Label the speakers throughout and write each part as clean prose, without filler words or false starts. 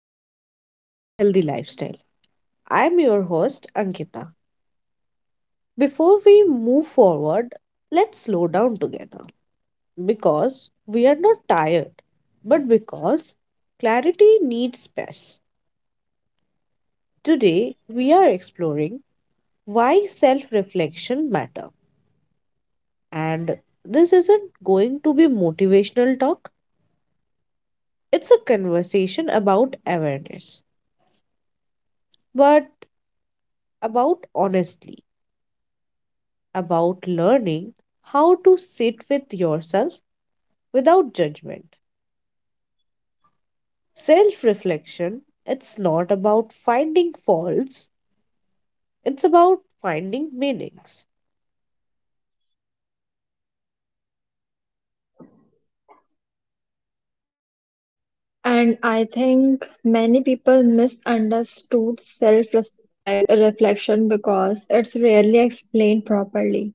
Speaker 1: and welcome back to Healthy Lifestyle. I'm your host, Ankita. Before we move forward, let's slow down together because we are not tired, but because clarity needs space. Today, we are exploring why self reflection matters, and this isn't going to be motivational talk, it's a conversation about awareness, but about honestly. About learning how to sit with yourself without judgment. Self reflection, it's not about finding faults, it's about finding meanings.
Speaker 2: And I think many people misunderstood self-respect reflection because it's rarely explained properly.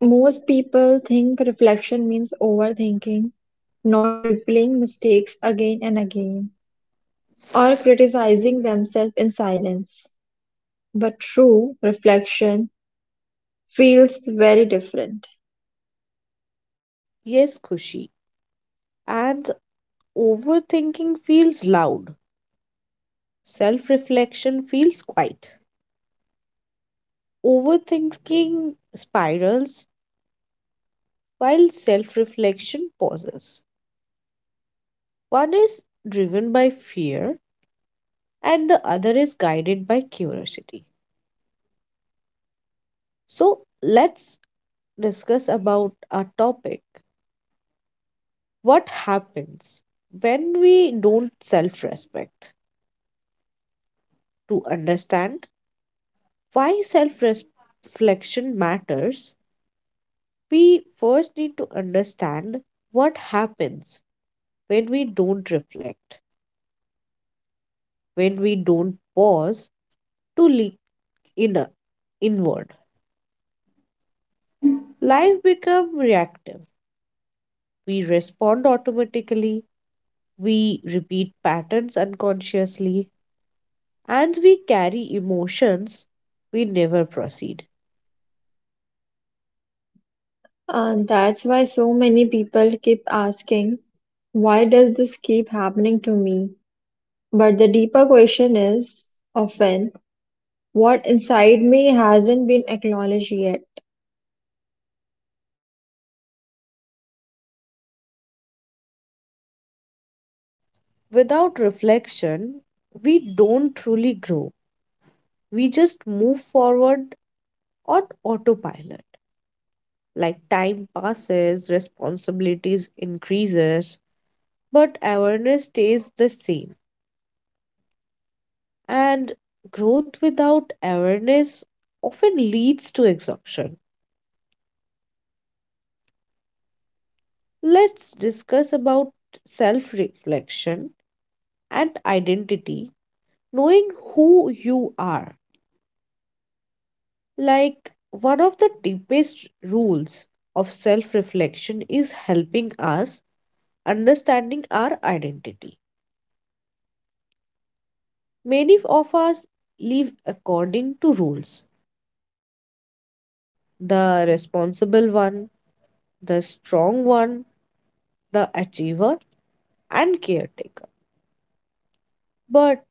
Speaker 2: Most people think reflection means overthinking, not replaying mistakes again and again, or criticizing themselves in silence. But true reflection feels very different.
Speaker 1: Yes, Kushi. And overthinking feels loud, self reflection feels quiet. Overthinking spirals while self reflection pauses. One is driven by fear, and the other is guided by curiosity. So let's discuss about our topic, what happens when we don't self respect. To understand why self reflection matters, we first need to understand what happens when we don't reflect, when we don't pause to look inner, inward. Life becomes reactive. We respond automatically, we repeat patterns unconsciously, and we carry emotions we never proceed.
Speaker 2: And that's why so many people keep asking, why does this keep happening to me? But the deeper question is often what inside me hasn't been acknowledged yet.
Speaker 1: Without reflection, we don't truly grow. We just move forward on autopilot. Like time passes, responsibilities increases, but awareness stays the same. And growth without awareness often leads to exhaustion. Let's discuss about self-reflection and identity, knowing who you are. Like, one of the deepest rules of self reflection is helping us understanding our identity. Many of us live according to rules, the responsible one, the strong one, the achiever, and caretaker. But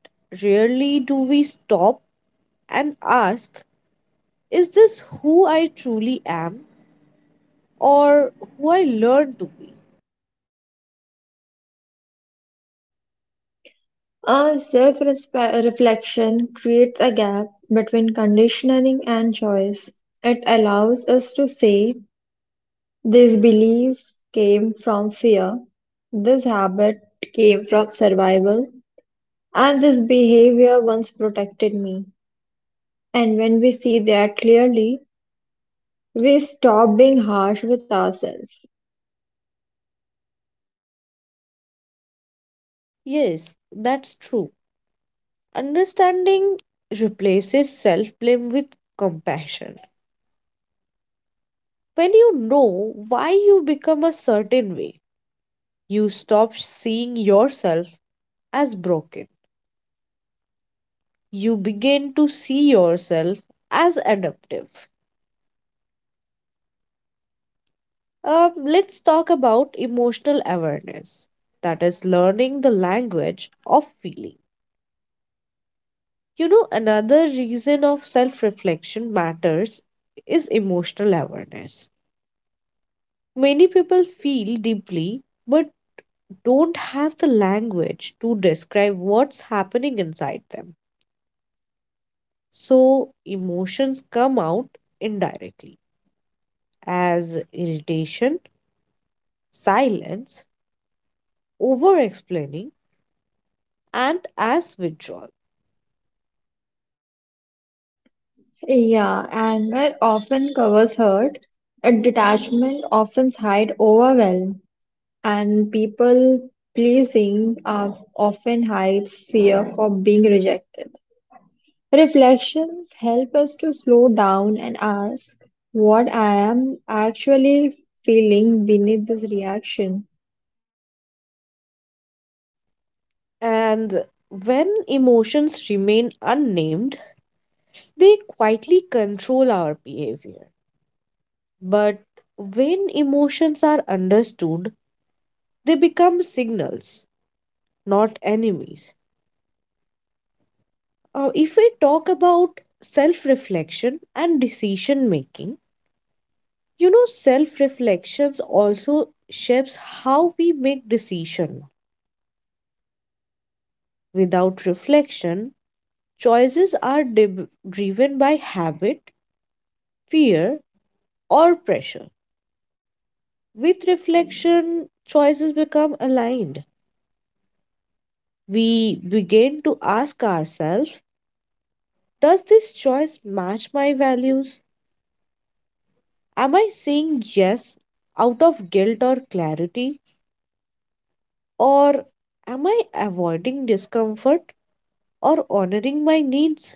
Speaker 1: rarely do we stop and ask, is this who I truly am or who I learned to be?
Speaker 2: A self reflection creates a gap between conditioning and choice. It allows us to say, this belief came from fear, this habit came from survival, and this behavior once protected me. And when we see that clearly, we stop being harsh with ourselves.
Speaker 1: Yes, that's true. Understanding replaces self blame with compassion. When you know why you become a certain way, you stop seeing yourself as broken. You begin to see yourself as adaptive. Let's talk about emotional awareness, that is, learning the language of feeling. You know, another reason of self reflection matters is emotional awareness. Many people feel deeply but don't have the language to describe what's happening inside them. So emotions come out indirectly, as irritation, silence, over explaining, and as withdrawal.
Speaker 2: Yeah, anger often covers hurt, and detachment often hides overwhelm, and people pleasing often hides fear for being rejected. Reflections help us to slow down and ask what I am actually feeling beneath this reaction,
Speaker 1: And when emotions remain unnamed, they quietly control our behavior. But when emotions are understood, they become signals, not enemies. If we talk about self reflection and decision making, you know, self reflections also shapes how we make decision. Without reflection, choices are driven by habit, fear, or pressure. With reflection, choices become aligned. We begin to ask ourselves, does this choice match my values? Am I saying yes out of guilt or clarity? Or am I avoiding discomfort or honoring my needs?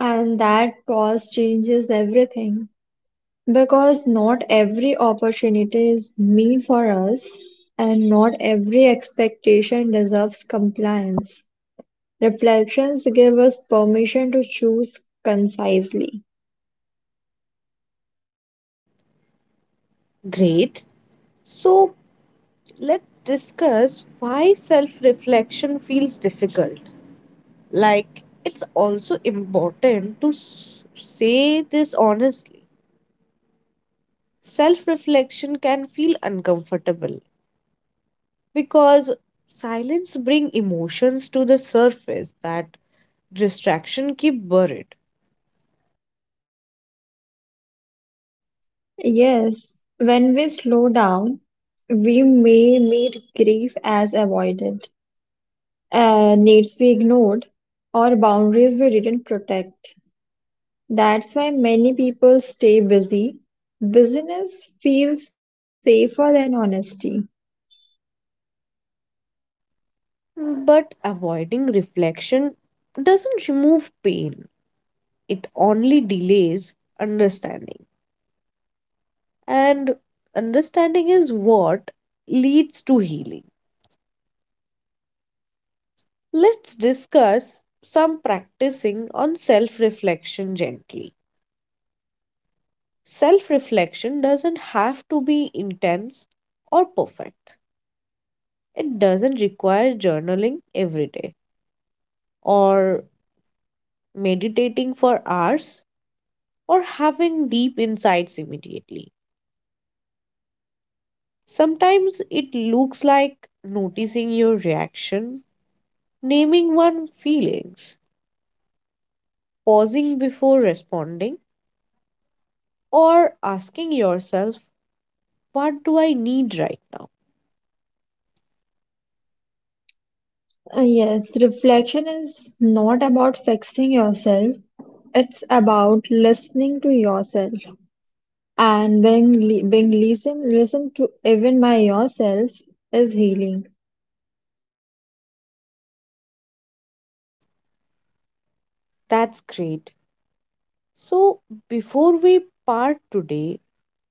Speaker 2: and that pause changes everything. Because not every opportunity is meant for us, and not every expectation deserves compliance. Reflections give us permission to choose concisely.
Speaker 1: Great. So let's discuss why self reflection feels difficult. Like, it's also important to say this honestly. Self reflection can feel uncomfortable because silence bring emotions to the surface that distraction keep buried.
Speaker 2: Yes, when we slow down, we may meet grief as avoided, needs we ignored, or boundaries we didn't protect. That's why many people stay busy. Busyness feels safer than honesty.
Speaker 1: But avoiding reflection doesn't remove pain, it only delays understanding. And understanding is what leads to healing. Let's discuss some practicing on self reflection gently. Self reflection doesn't have to be intense or perfect, it doesn't require journaling every day or meditating for hours or having deep insights immediately. Sometimes it looks like noticing your reaction, naming one's feelings, pausing before responding, or asking yourself, what do I need right now?
Speaker 2: Yes, reflection is not about fixing yourself. It's about listening to yourself. And being listened to even by yourself is healing.
Speaker 1: That's great. So, before we part today,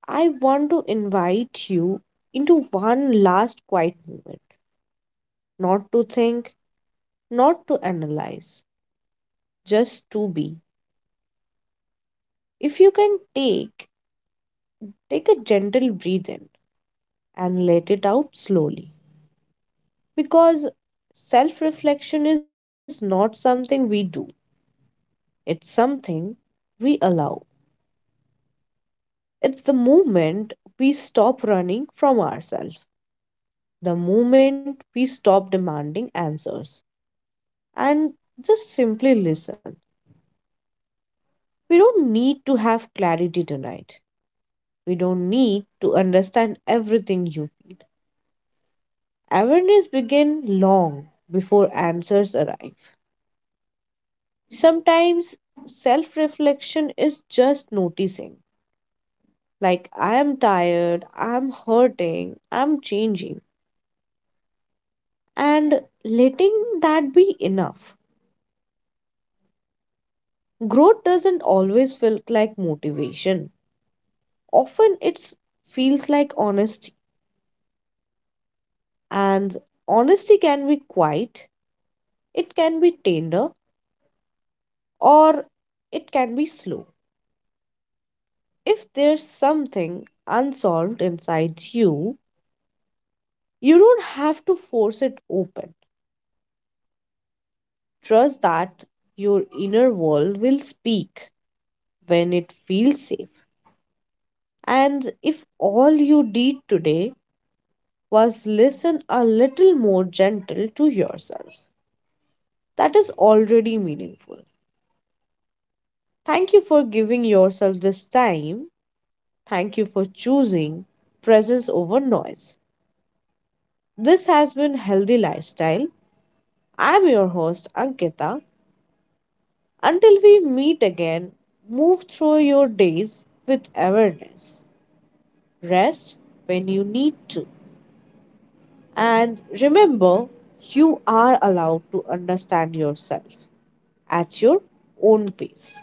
Speaker 1: I want to invite you into one last quiet moment. Not to think, not to analyze, just to be. If you can take, take a gentle breath in and let it out slowly. Because self reflection is not something we do, it's something we allow. It's the moment we stop running from ourselves, the moment we stop demanding answers, and just simply listen. We don't need to have clarity tonight. We don't need to understand everything you feel. Awareness begins long before answers arrive. Sometimes self reflection is just noticing, like I am tired, I'm hurting, I'm changing, and letting that be enough. Growth doesn't always feel like motivation. Often it feels like honesty, and honesty can be quiet, it can be tender, or it can be slow. If there's something unsolved inside you, you don't have to force it open. Trust that your inner world will speak when it feels safe. And if all you did today was listen a little more gentle to yourself, that is already meaningful. Thank you for giving yourself this time. Thank you for choosing presence over noise. This has been Healthy Lifestyle. I'm your host, Ankita. Until we meet again, move through your days with awareness. Rest when you need to. And remember, you are allowed to understand yourself at your own pace.